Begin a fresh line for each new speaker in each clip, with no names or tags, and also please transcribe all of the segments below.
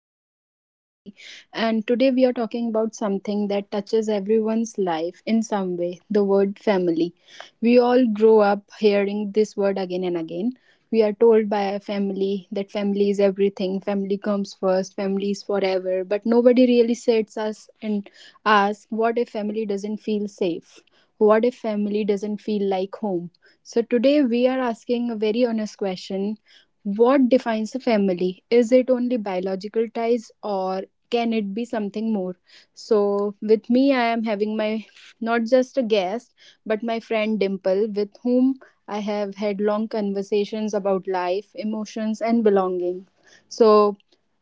am your host, Khyati, and today we are talking about something that touches everyone's life in some way the word family. We all grow up hearing this word again and again. We are told by our family that family is everything, family comes first, family is forever, but nobody really sits us and asks, what if family doesn't feel safe? What if family doesn't feel like home? So today we are asking a very honest question, what defines a family? Is it only biological ties or can it be something more? So with me, I am having my not just a guest but my friend Dimple, with whom I have had long conversations about life, emotions, and belonging. So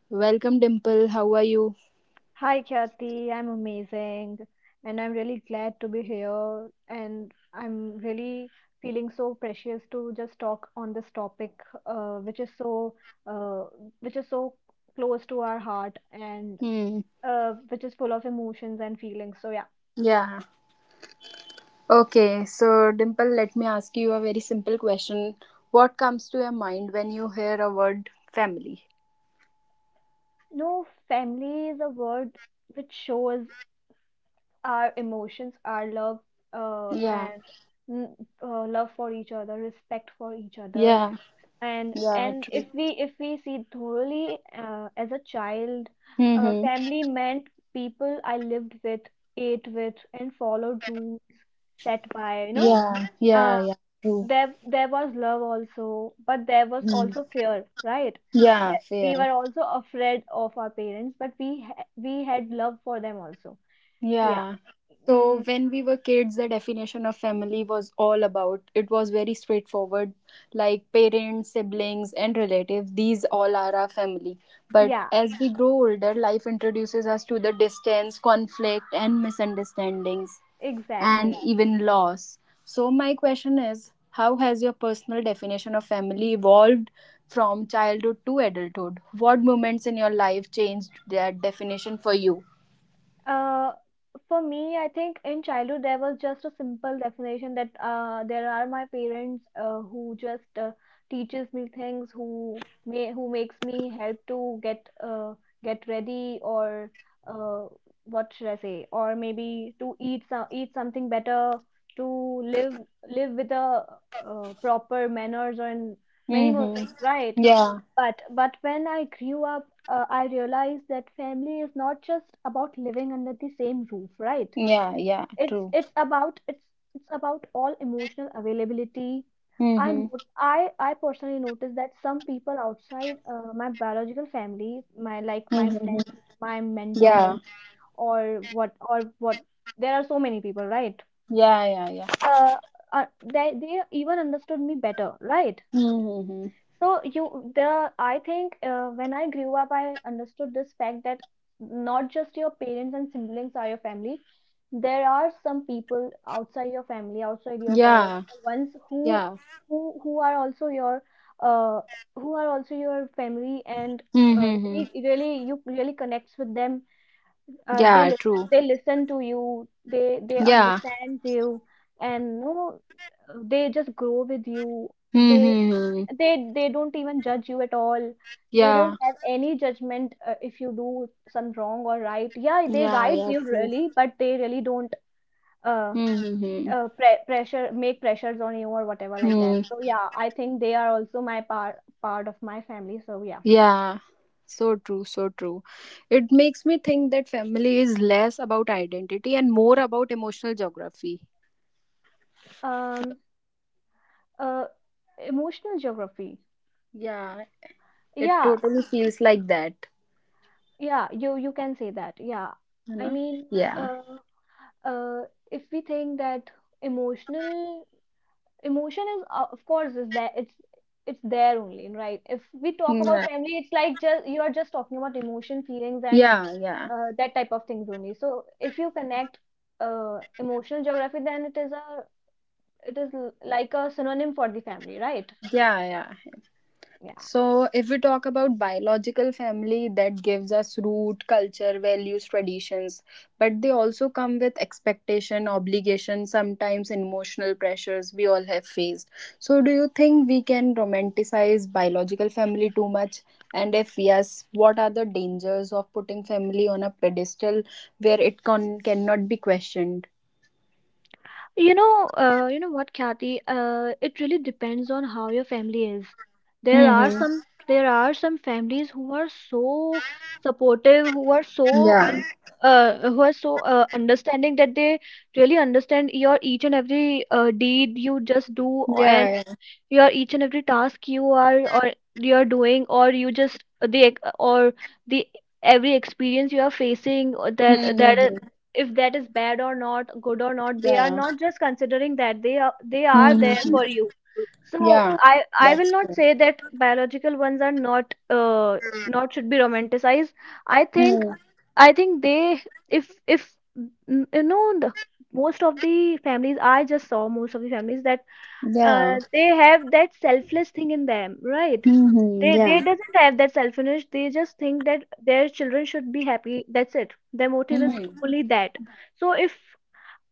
welcome, Dimple. How are you?
Hi, Khyati. I'm amazing and I'm really glad to be here. And I'm really feeling so precious to just talk on this topic, uh, which is so uh, which is so close to our heart and
Hmm.
which is full of emotions and feelings. So yeah,
Yeah. Okay. So, Dimple, let me ask you a very simple question. What comes to your mind when you hear a word family?
no, family is a word which shows our emotions, our love,
Yeah.
and mm, love for each other, respect for each other
Yeah.
and
Yeah,
and
true.
if we if we see thoroughly as a child
Mm-hmm.
family meant people I lived with, ate with, and followed rules set by
Yeah, yeah,
uh,
yeah, true.
there was love also, but there was
Mm.
also fear, right,
Yeah,
that we
fair.
were also afraid of our parents, but we had love for them also, yeah.
Yeah. So
mm,
when we were kids, the definition of family was all about. It was very straightforward, like parents, siblings, and relatives. These all are our family. But
yeah,
as we grow older, life introduces us to the distance, conflict, and misunderstandings, and
exactly.
even loss. So my question is, how has your personal definition of family evolved from childhood to adulthood? What moments in your life changed that definition for you?
Uh, for me, I think in childhood there was just a simple definition that there are my parents who just teaches me things, who makes me help to get ready, or uh, what should I say, or maybe to eat something better, to live live with a proper manners and many more
Mm-hmm.
things, right?
Yeah,
But when I grew up, I realized that family is not just about living under the same roof, right?
yeah, yeah,
It's
true.
it's about it's it's about all emotional availability. I
Mm-hmm.
not, I personally noticed that some people outside my biological family, my friends,
Mm-hmm.
my
Yeah,
mentor, or what, there are so many people, right?
yeah, yeah, yeah.
Uh, they even understood me better, right?
Mm-hmm.
So you the I think when I grew up, I understood this fact that not just your parents and siblings are your family. There are some people outside your family, outside your
Yeah,
biological ones,
yeah.
who are also your uh who are also your family and
Mm-hmm.
really really you really connects with them.
Yeah, true.
They listen to you. They
Yeah.
understand you and you know, they just grow with you. They
Mm-hmm.
they don't even judge you at all, they
Yeah,
don't have any judgment. If you do some wrong or right, yeah, they
yeah,
guide
yeah,
you
true.
really, but they really don't uh,
Mm-hmm.
pressure make pressures on you or whatever like that.
Mm.
So yeah, I think they are also my part part of my family, so yeah.
Yeah, so true, so true. It makes me think that family is less about identity and more about emotional geography.
um uh emotional geography,
Yeah, it
yeah,
totally feels like that.
yeah, you can say that, yeah.
You
I
know?
mean
Yeah.
uh uh if we think that emotional emotion is, of course, is there, it's there only, right? If we talk about
Yeah.
family, it's like just you are just talking about emotion feelings and
Yeah, yeah.
that type of things only. So if you connect emotional geography, then it is a, like a synonym for the family, right?
Yeah, yeah.
Yeah.
So if we talk about biological family, that gives us root, culture, values, traditions, but they also come with expectation, obligation, sometimes emotional pressures we all have faced. So do you think we can romanticize biological family too much? And if yes, what are the dangers of putting family on a pedestal where it cannot be questioned?
You know what, Kathy? It really depends on how your family is. There are
Mm-hmm.
some there are some families who are so supportive,
Yeah.
who are so understanding that they really understand your each and every deed you just do, and
Yeah. Yeah.
your each and every task you are or you're doing, or you just or the every experience you are facing, or
Mm-hmm.
if that is bad or not good or not, they are
Yeah.
not just considering that, they are there
Mm-hmm.
for you. So
Yeah.
i I will
That's
not
true.
say that biological ones are not not should be romanticized. i think
Mm,
I think they, if, you know the, most of the families that
yeah.
they have that selfless thing in them, right?
Mm-hmm, yeah.
They doesn't have that selfishness. They just think that their children should be happy. That's it. Their motive is
Mm-hmm.
only that. So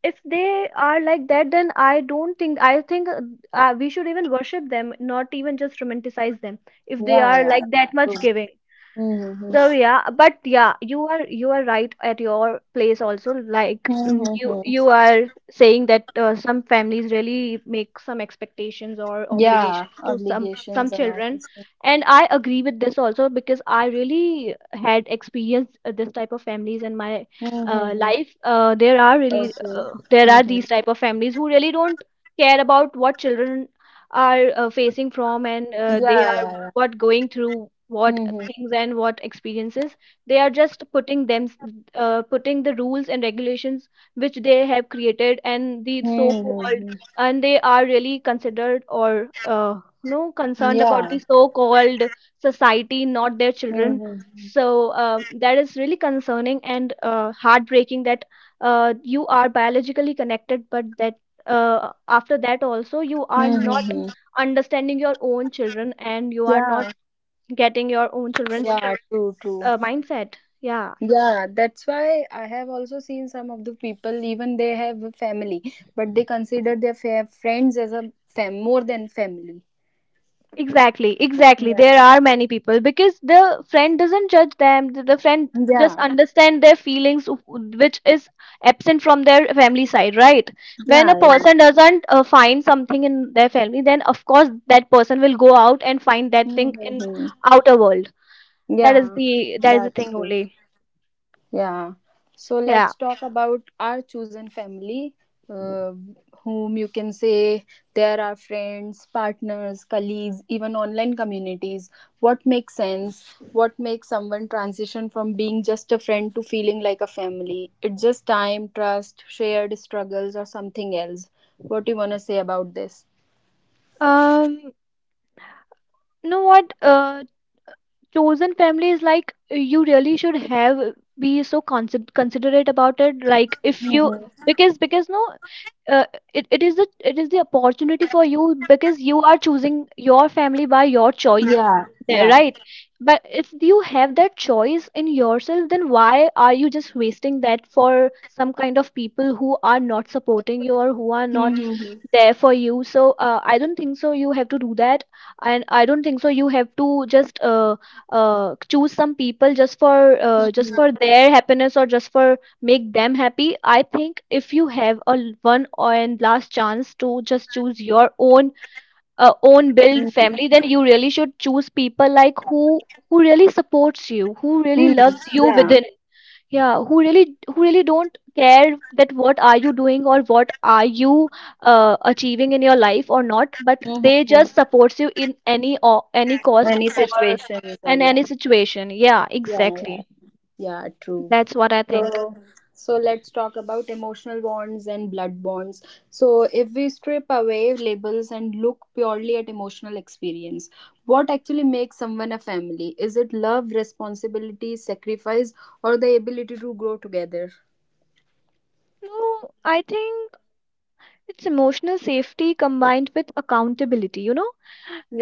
if they are like that, then I don't think I think we should even worship them, not even just romanticize them, if they
Yeah,
are
yeah.
like that
True.
much giving.
Mm-hmm.
So yeah, but yeah, you are right at your place also. Like you
Mm-hmm.
you are saying that some families really make some expectations or
Yeah,
obligations to some
obligations and all
children,
this thing.
and I agree with this also, because I really had experienced this type of families in my
Mm-hmm.
life. There are really
Okay.
there are
Mm-hmm.
these type of families who really don't care about what children are facing from, and
Yeah,
they are
yeah, yeah.
what going through what
Mm-hmm.
things and what experiences, they are just putting them putting the rules and regulations which they have created, and the so called,
Mm-hmm.
and they are really considered or you know concerned about the
Yeah.
so called society, not their children.
Mm-hmm.
So that is really concerning and heartbreaking, that you are biologically connected, but that after that also you are not
Mm-hmm.
understanding your own children, and you are
Yeah.
not getting your own children's
Yeah, true, true.
mindset. Yeah,
Yeah, that's why I have also seen some of the people, even they have a family, but they consider their friends as a fam more than family.
exactly, exactly. There
Yeah.
are many people because the friend doesn't judge them, the friend just
Yeah,
understand their feelings, which is absent from their family side, right? When a
yeah, yeah.
person doesn't find something in their family, then of course that person will go out and find that thing in
Mm-hmm.
outer world. That is
Yeah,
the, that is the
that's
thing
true.
only.
Yeah. So let's
Yeah.
talk about our chosen family, uh, whom you can say they are our friends, partners, colleagues, even online communities. What makes sense? What makes someone transition from being just a friend to feeling like a family? It's just time, trust, shared struggles, or something else. What do you want to say about this?
um you know what chosen family is like, you really should have, considerate about it. Like if you,
Mm-hmm.
because no, uh, it, it is the, it is the opportunity for you, because you are choosing your family by your choice
Yeah,
there,
yeah.
right? But if you have that choice in yourself, then why are you just wasting that for some kind of people who are not supporting you or who are not
Mm-hmm.
there for you? So I don't think so you have to do that, and I don't think so you have to just choose some people just for their happiness, or just for make them happy. I think if you have a, one and last chance to just choose your own own build family, then you really should choose people like who really supports you, who really
Mm,
loves you
yeah.
within. Yeah, who really don't care that what are you doing or what are you achieving in your life or not, but they
Mm-hmm.
just supports you in any or any cost,
Any
or
situations or
in
yeah.
any situation. Yeah,
Yeah, yeah.
exactly.
Yeah, true.
That's what I think.
So let's talk about emotional bonds and blood bonds. So if we strip away labels and look purely at emotional experience, what actually makes someone a family? Is it love, responsibility, sacrifice, or the ability to grow together?
No, I think it's emotional safety combined with accountability, you know?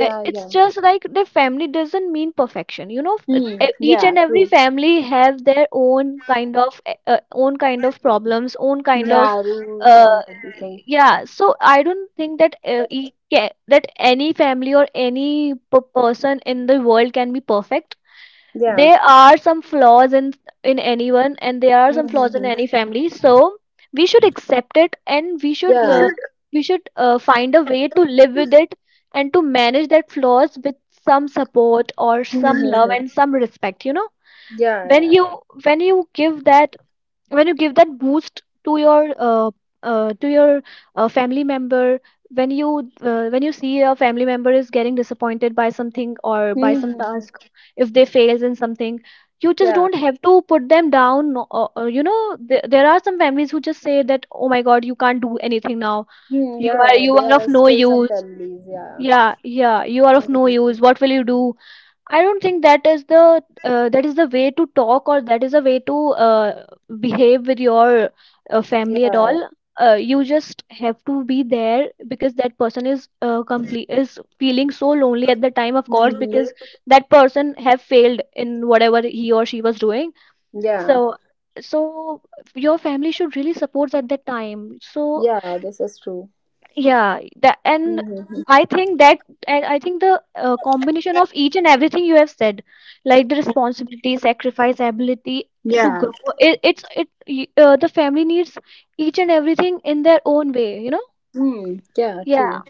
It's
yeah.
just like the family doesn't mean perfection, you know?
Hmm.
Each
Yeah,
and every
true.
family have their own kind of problems, own kind of
Yeah, rules
uh,
and everything.
yeah. So I don't think that that any family or any p person in the world can be perfect.
Yeah.
There are some flaws in anyone, and there are some flaws in
Mm-hmm.
any family, so we should accept it, and we should find a way to live with it, and to manage that flaws with some support or some love
Yeah.
and some respect, you know?
Yeah,
When
yeah,
you,
yeah.
when you give that, when you give that boost to your family member, when you see a family member is getting disappointed by something or by some
Hmm.
task,
Hmm.
if they fails in something, you just
Yeah.
don't have to put them down. You know, there are some families who just say that, oh my god, you can't do anything now,
Hmm,
you
yeah,
are,
yeah.
you are
There
of
are
no
still some
use.
families. Yeah.
Yeah, yeah, you are of no use, what will you do. I don't think that is the, that is the way to talk, or that is a way to behave with your
Yeah.
family at
Yeah.
all. You just have to be there, because that person is complete is feeling so lonely at the time, of course,
Mm-hmm.
because that person have failed in whatever he or she was doing.
Yeah.
So so your family should really support at that time. So
Yeah. This is true.
yeah, that, and
Mm-hmm.
I think that, and I think the combination of each and everything you have said, like the responsibility, sacrifice, ability to
Yeah.
grow, it's the family needs each and everything in their own way, you know?
Mm, yeah.
Yeah,
True.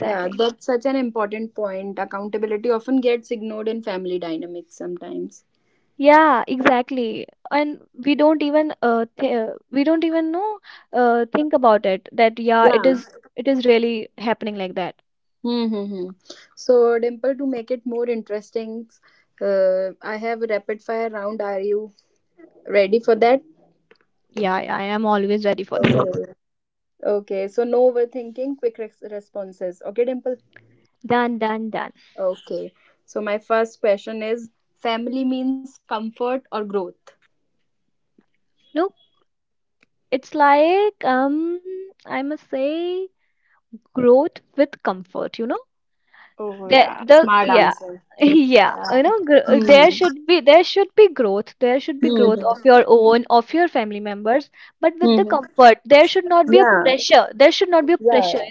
Yeah. That's such an important point. Accountability often gets ignored in family dynamics sometimes.
Yeah, exactly. And we don't even th we don't even know, think about it that yeah, it
Yeah.
is, it is really happening like that.
Mm-hmm. So, Dimple, to make it more interesting, I have a rapid fire round. Are you ready for that?
Yeah, I am always ready for that.
Okay. Okay, so no overthinking, quick responses. Okay, Dimple?
Done, done, done.
Okay. So my first question is, family means comfort or growth?
No. It's like, I must say growth with comfort, you know?
Oh,
There
yeah.
the
Smart
yeah.
answer.
Yeah,
Yeah.
you know,
Hmm.
there should be, there should be growth. There should be growth of
Hmm.
your own, of your family members, but with
Hmm.
the comfort, there should not be a
Yeah.
pressure. There should not be a
Yeah.
pressure.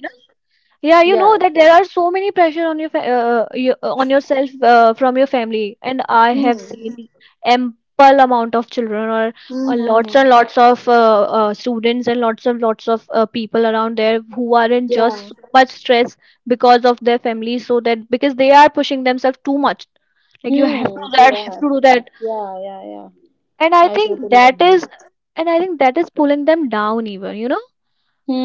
Yeah, you know
Yeah.
that
True.
there are so many pressure on you, on yourself from your family, and I
Hmm.
have seen ample amount of children or lots
Mm-hmm.
and lots of students and lots of people around there who are in just
Yeah.
so much stress because of their families, so that because they are pushing themselves too much. Like you have
Hmm.
to do
They
that, have
are.
to do that,
Yeah. Yeah. Yeah.
and I
I
think
totally
that
agree.
is, and I think that is pulling them down even, you know.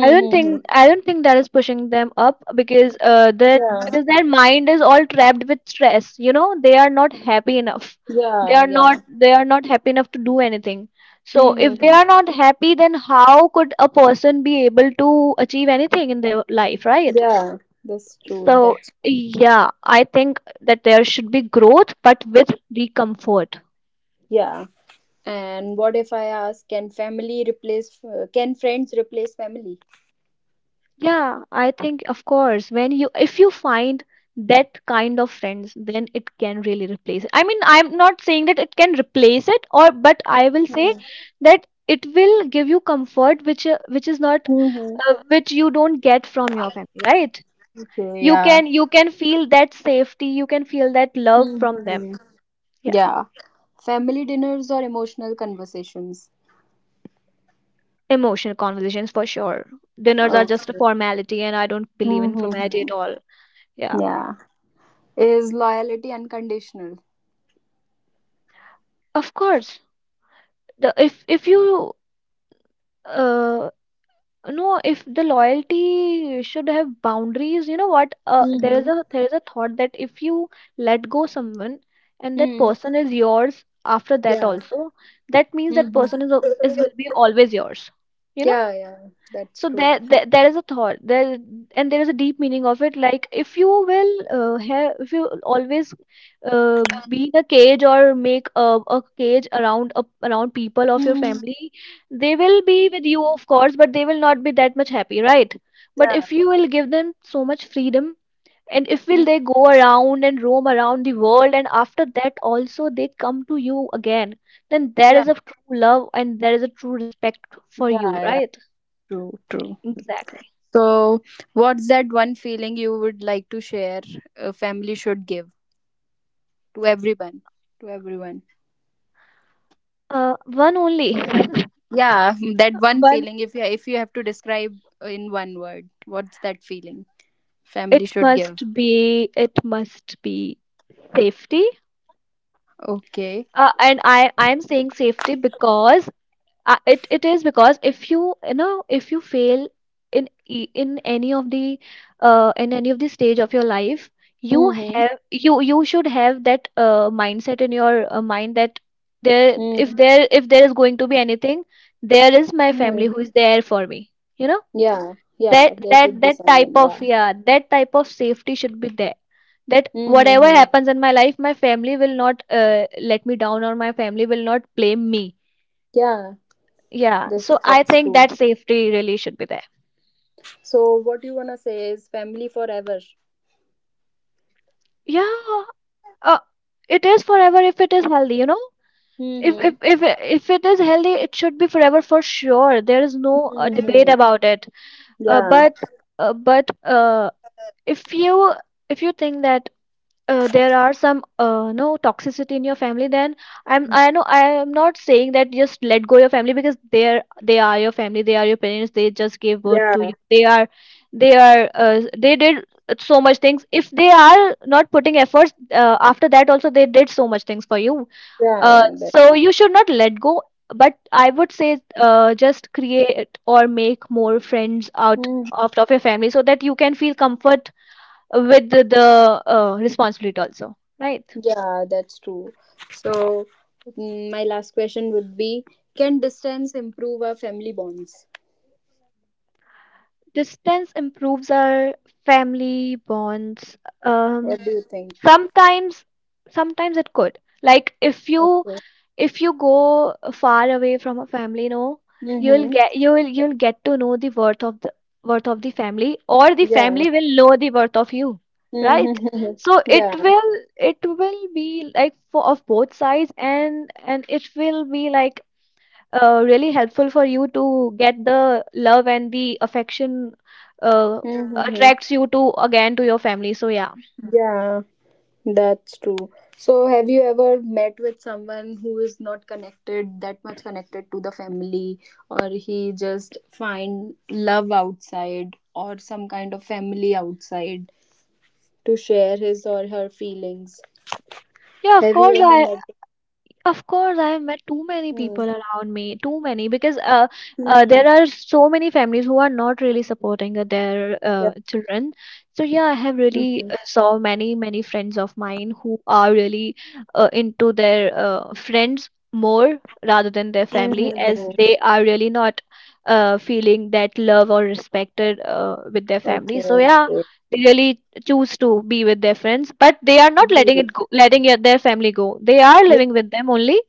I don't think that is pushing them up because that
Yeah.
because their mind is all trapped with stress. You know, they are not happy enough.
Yeah. Yeah.
They are not happy enough to do anything. So if they
Mm-hmm.
are not happy, then how could a person be able to achieve anything in their life, right?
Yeah. That's true.
So
That's
yeah, I think that there should be growth, but with discomfort.
yeah. And what if I ask, can family replace, can friends replace family?
Yeah, I think of course when you if you find that kind of friends, then it can really replace it. I mean, I'm not saying that it can replace it or but I will say
Hmm.
that it will give you comfort which is not
Hmm.
which you don't get from your family, right?
Okay, yeah.
You can feel that safety, you can feel that love from them.
Mm-hmm.
Yeah.
Yeah. Family dinners or emotional conversations?
Emotional conversations for sure. Dinners are just a
Okay.
formality and I don't believe in formality
Mm-hmm.
at all. Yeah.
Yeah. Is loyalty unconditional?
Of course. The if you uh, no if the loyalty should have boundaries, you know what,
Mm-hmm.
there is a thought that if you let go someone and that
Mm-hmm.
person is yours after that
Yeah.
also, that means that
Mm-hmm.
person is will be always yours, you know.
Yeah, yeah. That's
So
true.
there is a thought there, and there is a deep meaning of it. Like if you will if you always be in a cage or make a cage around around people of your
Mm-hmm.
family, they will be with you, of course, but they will not be that much happy, right? But
Yeah.
if you will give them so much freedom, and if will
Mm.
they go around and roam around the world, and after that also they come to you again, then there
Yeah.
is a true love and there is a true respect for
Yeah,
you,
yeah.
right?
True, true.
Exactly.
So what's that one feeling you would like to share a family should give to everyone? To everyone.
One only.
Yeah, that one
One.
feeling. If you have to describe in one word, what's that feeling
It
family should give?
must be. It must be safety.
Okay.
And I am saying safety because it is because if you, you know, if you fail in any of the in any of the stage of your life, you
Mm-hmm.
have you, you should have that mindset in your mind that there if there if there is going to be anything, there is my family who
Mm-hmm.
is there for me, you know.
Yeah, yeah. There should be
That type
someone.
of
Yeah.
yeah, that type of safety should be there, that whatever
Mm-hmm.
happens in my life, my family will not let me down or my family will not blame me.
Yeah.
Yeah,
This
so I
that's
think
true.
that safety really should be there.
So what you wanna say is family forever.
Yeah, uh, it is forever if it is healthy, you know. if
Mm-hmm.
if if if it is healthy, it should be forever, for sure. There is no debate
Mm-hmm.
about it. Uh,
Yeah.
but but if you think that there are some, no, toxicity in your family, then I know I am not saying that just let go your family because they are your family, they are your parents, they just gave birth to
Yeah.
you, they are, they did so much things. If they are not putting efforts, after that also they did so much things for you,
Yeah. Yeah.
so you should not let go. But I would say, just create or make more friends
That.
out of your family so that you can feel comfort with the responsibility also. Right.
Yeah, that's true. So, mm, my last question would be, can distance improve our family bonds?
Distance improves our family bonds. Um,
What do you think?
sometimes, sometimes it could. Like
Okay.
if you go far away from a family, no,
Mm-hmm.
you'll get to know the worth of the family, or the
Yeah.
family will know the worth of you. Right.
Mm-hmm.
So it
Yeah.
will be like for of both sides, and it will be like really helpful for you to get the love and the affection uh,
Mm-hmm.
attracts you to again to your family. So yeah.
Yeah, that's true. So have you ever met with someone who is not connected that much connected to the family, or he just find love outside, or some kind of family outside to share his or her feelings?
Yeah, of
Have you
course,
ever
I
met
of course, I have met too many
Mm,
people around me, too many, because there
mhm,
are so many families who are not really supporting their
yeah,
children. So yeah, I have really
mhm,
saw many friends of mine who are really into their friends more rather than their family, as
mhm,
they are really not feeling that love or respected with their family.
okay,
So yeah,
okay.
they really choose to be with their friends, but they are not letting it
Good.
go, their family go. They are
Yeah.
living with them only,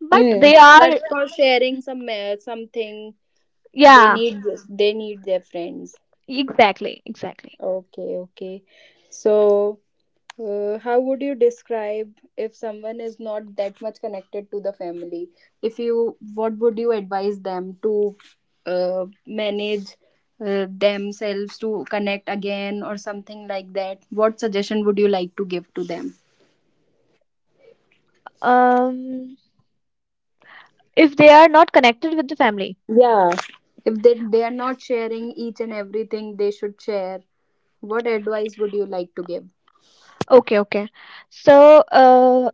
but they
Mm. But
are,
for sharing some something, they
yeah,
need they need their friends.
exactly.
Okay, okay. So how would you describe if someone is not that much connected to the family? If you, what would you advise them to manage themselves to connect again or something like that? What suggestion would you like to give to them?
um if they are not connected with the family,
Yeah, if they are not sharing each and everything they should share, what advice would you like to give?
okay, okay. So uh,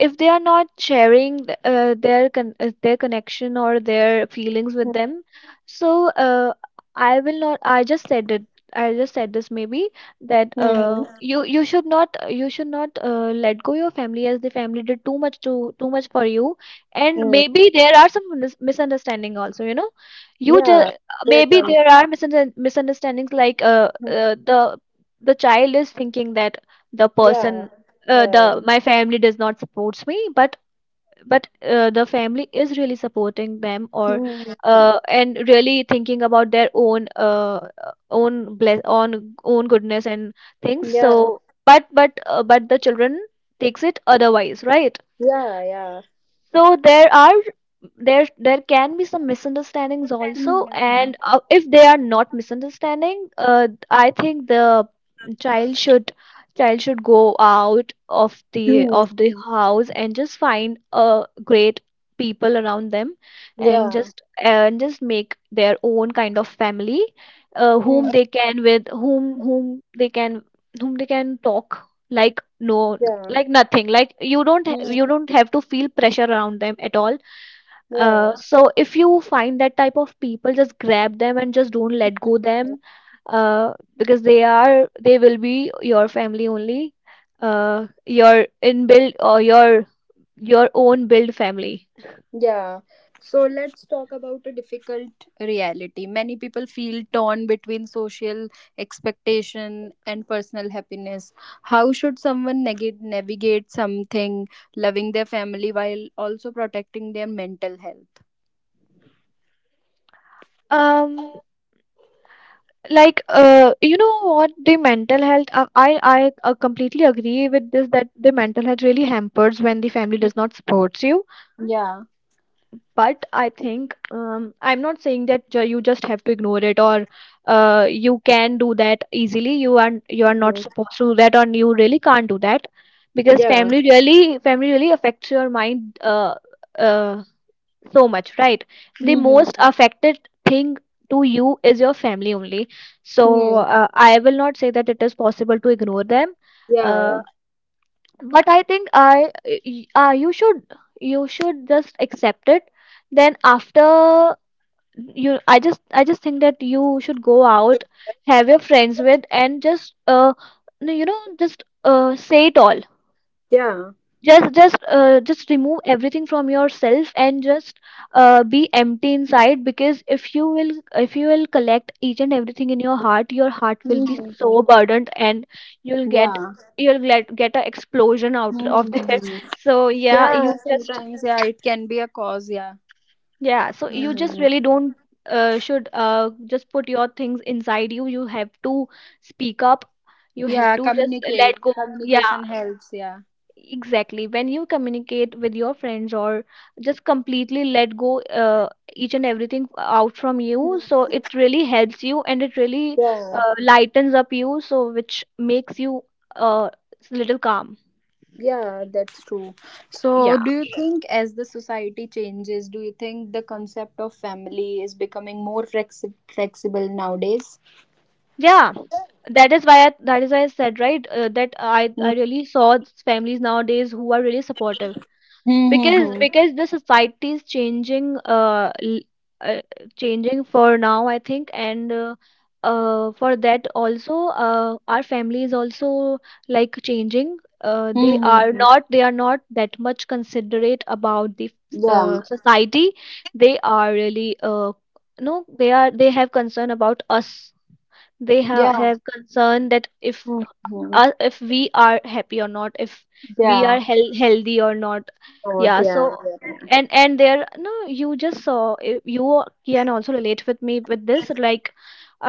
if they are not sharing their their connection or their feelings with them, so I will not I just said it, I just said this, maybe, that
Hmm,
you should not, you should not, let go your family, as the family did too much for you. And
hmm,
maybe there are some misunderstanding also, you know. You
yeah,
just,
they
maybe
can,
there are misunderstandings, like, the child is thinking that the
yeah,
person,
yeah, yeah.
the my family does not supports me, but the family is really supporting them, or
Hmm, hmm,
and really thinking about their own own bless on own goodness and things,
yeah,
so but the children takes it otherwise, right.
yeah, yeah.
So there can be some misunderstandings also,
Hmm, hmm,
and if they are not misunderstanding, I think the child should child should go out
hmm,
of the house and just find a great people around them, and
yeah.
just make their own kind of family,
Hmm,
whom they can, with whom they can, whom they can talk, like no
yeah.
like nothing, like you don't ha-
Hmm,
you don't have to feel pressure around them at all. So if you find that type of people, just grab them and just don't let go
yeah.
them, because they will be your family only, your inbuilt or your own build family.
Yeah. So let's talk about a difficult reality. Many people feel torn between social expectation and personal happiness. How should someone navigate something loving their family while also protecting their mental health?
um like, you know what, the mental health, I completely agree with this, that the mental health really hampers when the family
Mm,
does not support you.
yeah.
But I think, I'm not saying that you just have to ignore it, or you can do that easily. You are, you are not
Mm,
supposed to do that, or you really can't do that, because
yeah.
family really affects your mind uh, so much, right. The
Mm-hmm.
most affected thing to you is your family only. So
Mm.
I will not say that it is possible to ignore them.
Yeah.
uh,
Yeah.
but I think, you should, you should just accept it. Then after, you, I just think that you should go out, have your friends with, and just, you know, just, say it all.
Yeah.
Just just remove everything from yourself and just be empty inside, because if you will collect each and everything in your heart, your heart will be
Mm-hmm.
so burdened, and you'll get
Yeah.
you'll get an explosion out of there
Mm-hmm.
so yeah, you
Yeah.
just,
Sometimes, yeah, it can be a cause. Yeah.
yeah, so you just
Mm-hmm.
really don't should, just put your things inside you. You have to speak up, you have
Yeah,
to just let
communicate.
go. Yeah,
Communication helps, yeah.
exactly. When you communicate with your friends or just completely let go, each and everything out from you, so it really helps you, and it really
Yeah,
lightens up you, so which makes you uh, a little calm.
yeah, that's true. So
Yeah.
do you think as the society changes, do you think the concept of family is becoming more flexible nowadays?
Yeah. That is why I said, right, that I really saw families nowadays who are really supportive. because
Mm-hmm.
because the society is changing uh changing for now I think, and for that also our family is also like changing. They are
Mm-hmm.
not, they are not that much considerate about the
Yeah,
society. They are really no they are they have concern about us. They ha-
yeah.
have concern that
Mm-hmm.
if we are happy or not, if we
Yeah.
are healthy or not.
Oh,
Yeah, so.
yeah, yeah.
And there, no, you just saw, if you can also relate with me with this, like,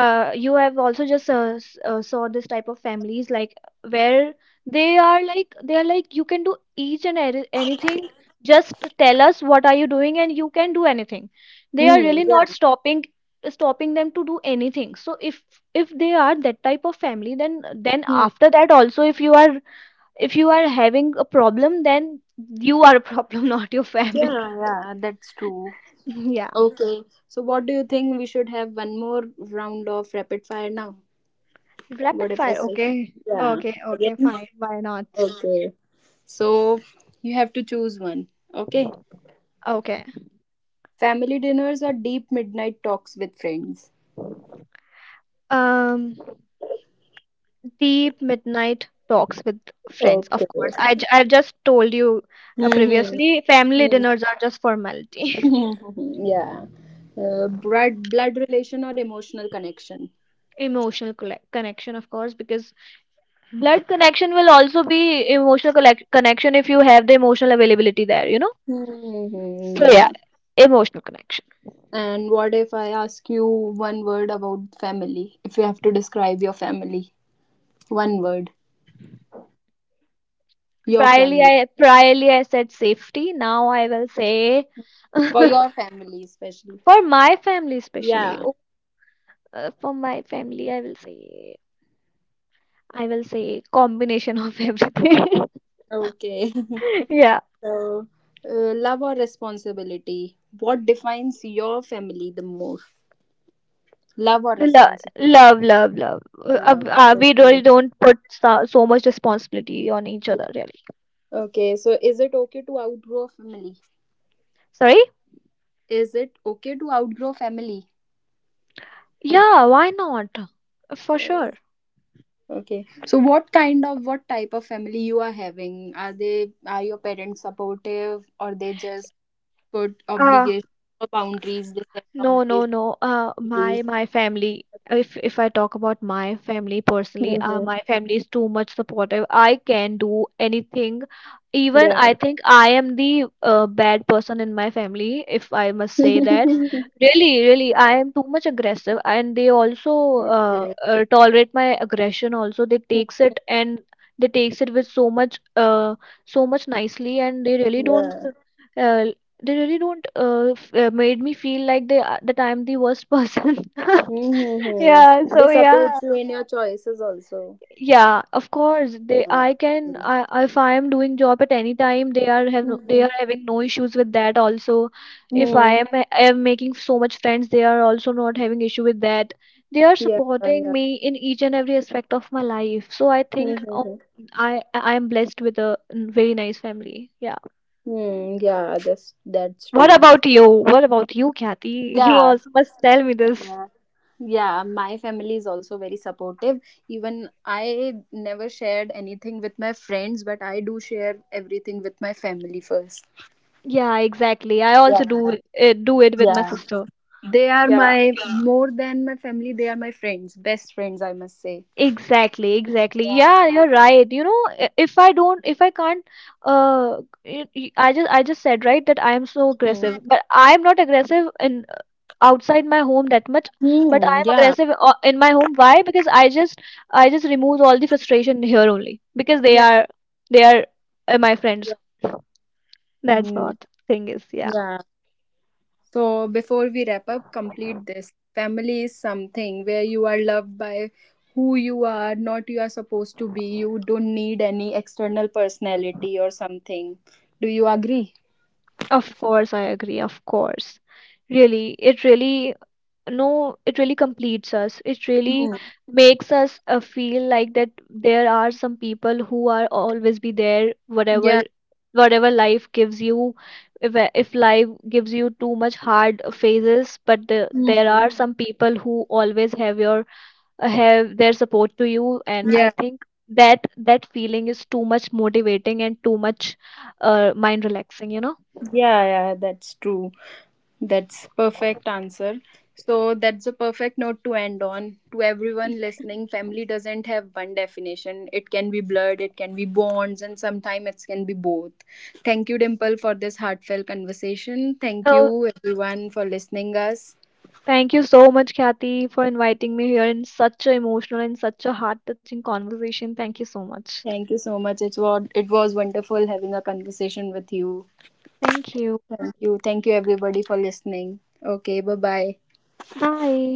you have also just saw this type of families, like, where they are like, they are like you can do each and anything. Just tell us what are you doing, and you can do anything. They are
Hmm.
really
Yeah.
not stopping, stopping them to do anything. So if they are that type of family, then
Hmm.
after that also, if you are, if you are having a problem, then you are a problem not your
Yeah.
family
Yeah, yeah, that's true.
Yeah.
Okay. So what do you think? We should have one more round of rapid fire now.
Rapid
What if I
fire.
say,
Okay.
yeah,
Okay. Okay.
again?
Fine. Why not?
Okay. So you have to choose one. Okay.
Okay.
Family dinners or deep midnight talks with friends?
Um, Deep midnight talks with friends. Of
Okay.
course. I've just told you
Mm-hmm.
previously, family dinners are just formality.
Yeah. Blood, blood relation or emotional connection?
Emotional connection, of course, because blood connection will also be emotional connection if you have the emotional availability there, you know.
Hmm.
So
Yeah.
yeah, emotional connection.
And what if I ask you one word about family? If you have to describe your family, one word, your
priorly
family,
i priorly I said safety, now I will say
for your family especially.
for my family especially,
Yeah.
oh, for my family I will say, I will say combination of everything.
Okay.
Yeah.
So, love or responsibility? What defines your family the most? Love or
love
responsibility?
love love love,
Love.
we
Okay.
really don't put so, so much responsibility on each other,
Yeah.
really.
Okay. So is it okay to outgrow family?
Sorry.
Is it okay to outgrow family?
Yeah, why not? For
Yes.
sure.
Okay. So what kind of what type of family you are having? Are they are your parents supportive, or they just put
Uh,
obligations or boundaries? They set
no, no,
boundaries.
no.
To you.
My my family. If I talk about my family personally,
Mm-hmm.
my family is too much supportive. I can do anything. Even I
Yeah.
think I am the bad person in my family, if I must say that. Really, really, I am too much aggressive, and they also
Okay.
tolerate my aggression. Also, they takes it, and they takes it with so much, so much nicely, and they really don't.
Yeah.
Uh, they really don't made me feel like they that I'm the worst person. Yeah,
Mm-hmm. They
so yeah.
support you in your choices also.
Yeah, of course. They,
Uh,
I can, I if I am doing job at any time, they are have no, they
mm-hmm.
are having no issues with that also. If I
Hmm.
am, I am making so much friends, they are also not having issue with that. They are
Yeah,
supporting
yeah.
me in each and every aspect of my life. So I think, oh,
Mm-hmm.
I am blessed with a very nice family. Yeah.
Mm, yeah, that's
What
true.
about you? What about you, Kathy? You
Yeah.
also must tell me this.
Uh, yeah, my family is also very supportive. Even I never shared anything with my friends, but I do share everything with my family first.
Yeah, exactly. I also do
Yeah,
it, eh, do it with my
yeah.
sister.
They are
Yeah,
my more than my family, they are my friends, best friends, I must say.
exactly, exactly. Yeah, you're right. You know, if I don't, if I can't, uh, I just said right that I am so aggressive,
Hmm.
but I am not aggressive in outside my home that much, but I
Hmm.
am aggressive in my home. Why? Because I just remove all the frustration here only because
Yeah.
they are my friends. That's
Hmm,
what thing is. Yeah.
yeah. So before we wrap up, complete this. Family is something where you are loved by who you are, not you are supposed to be. You don't need any external personality or something. Do you agree?
Of course, I agree. Of course. Really, it really, no, it really completes us. It really
Hmm.
makes us feel like that there are some people who are always be there,
Yeah.
whatever, whatever life gives you. If life gives you too much hard phases, but the, there are
Mhm.
some people who always have your, have their support to you. And
Yeah.
I think that that feeling is too much motivating and too much mind relaxing, you know?
Yeah. Yeah. That's true. That's perfect answer. So that's a perfect note to end on. To everyone
Y-
listening, family doesn't have one definition. It can be blood, it can be bonds, and sometimes it can be both. Thank you, Dimple, for this heartfelt conversation. Thank you everyone for listening us.
Thank you so much, Kathy, for inviting me here in such an emotional and such a heart-touching conversation. Thank you so much.
Thank you so much. It's what it was wonderful having a conversation with you.
Thank you.
Thank you. Thank you everybody for listening. Okay, bye bye.
Bye.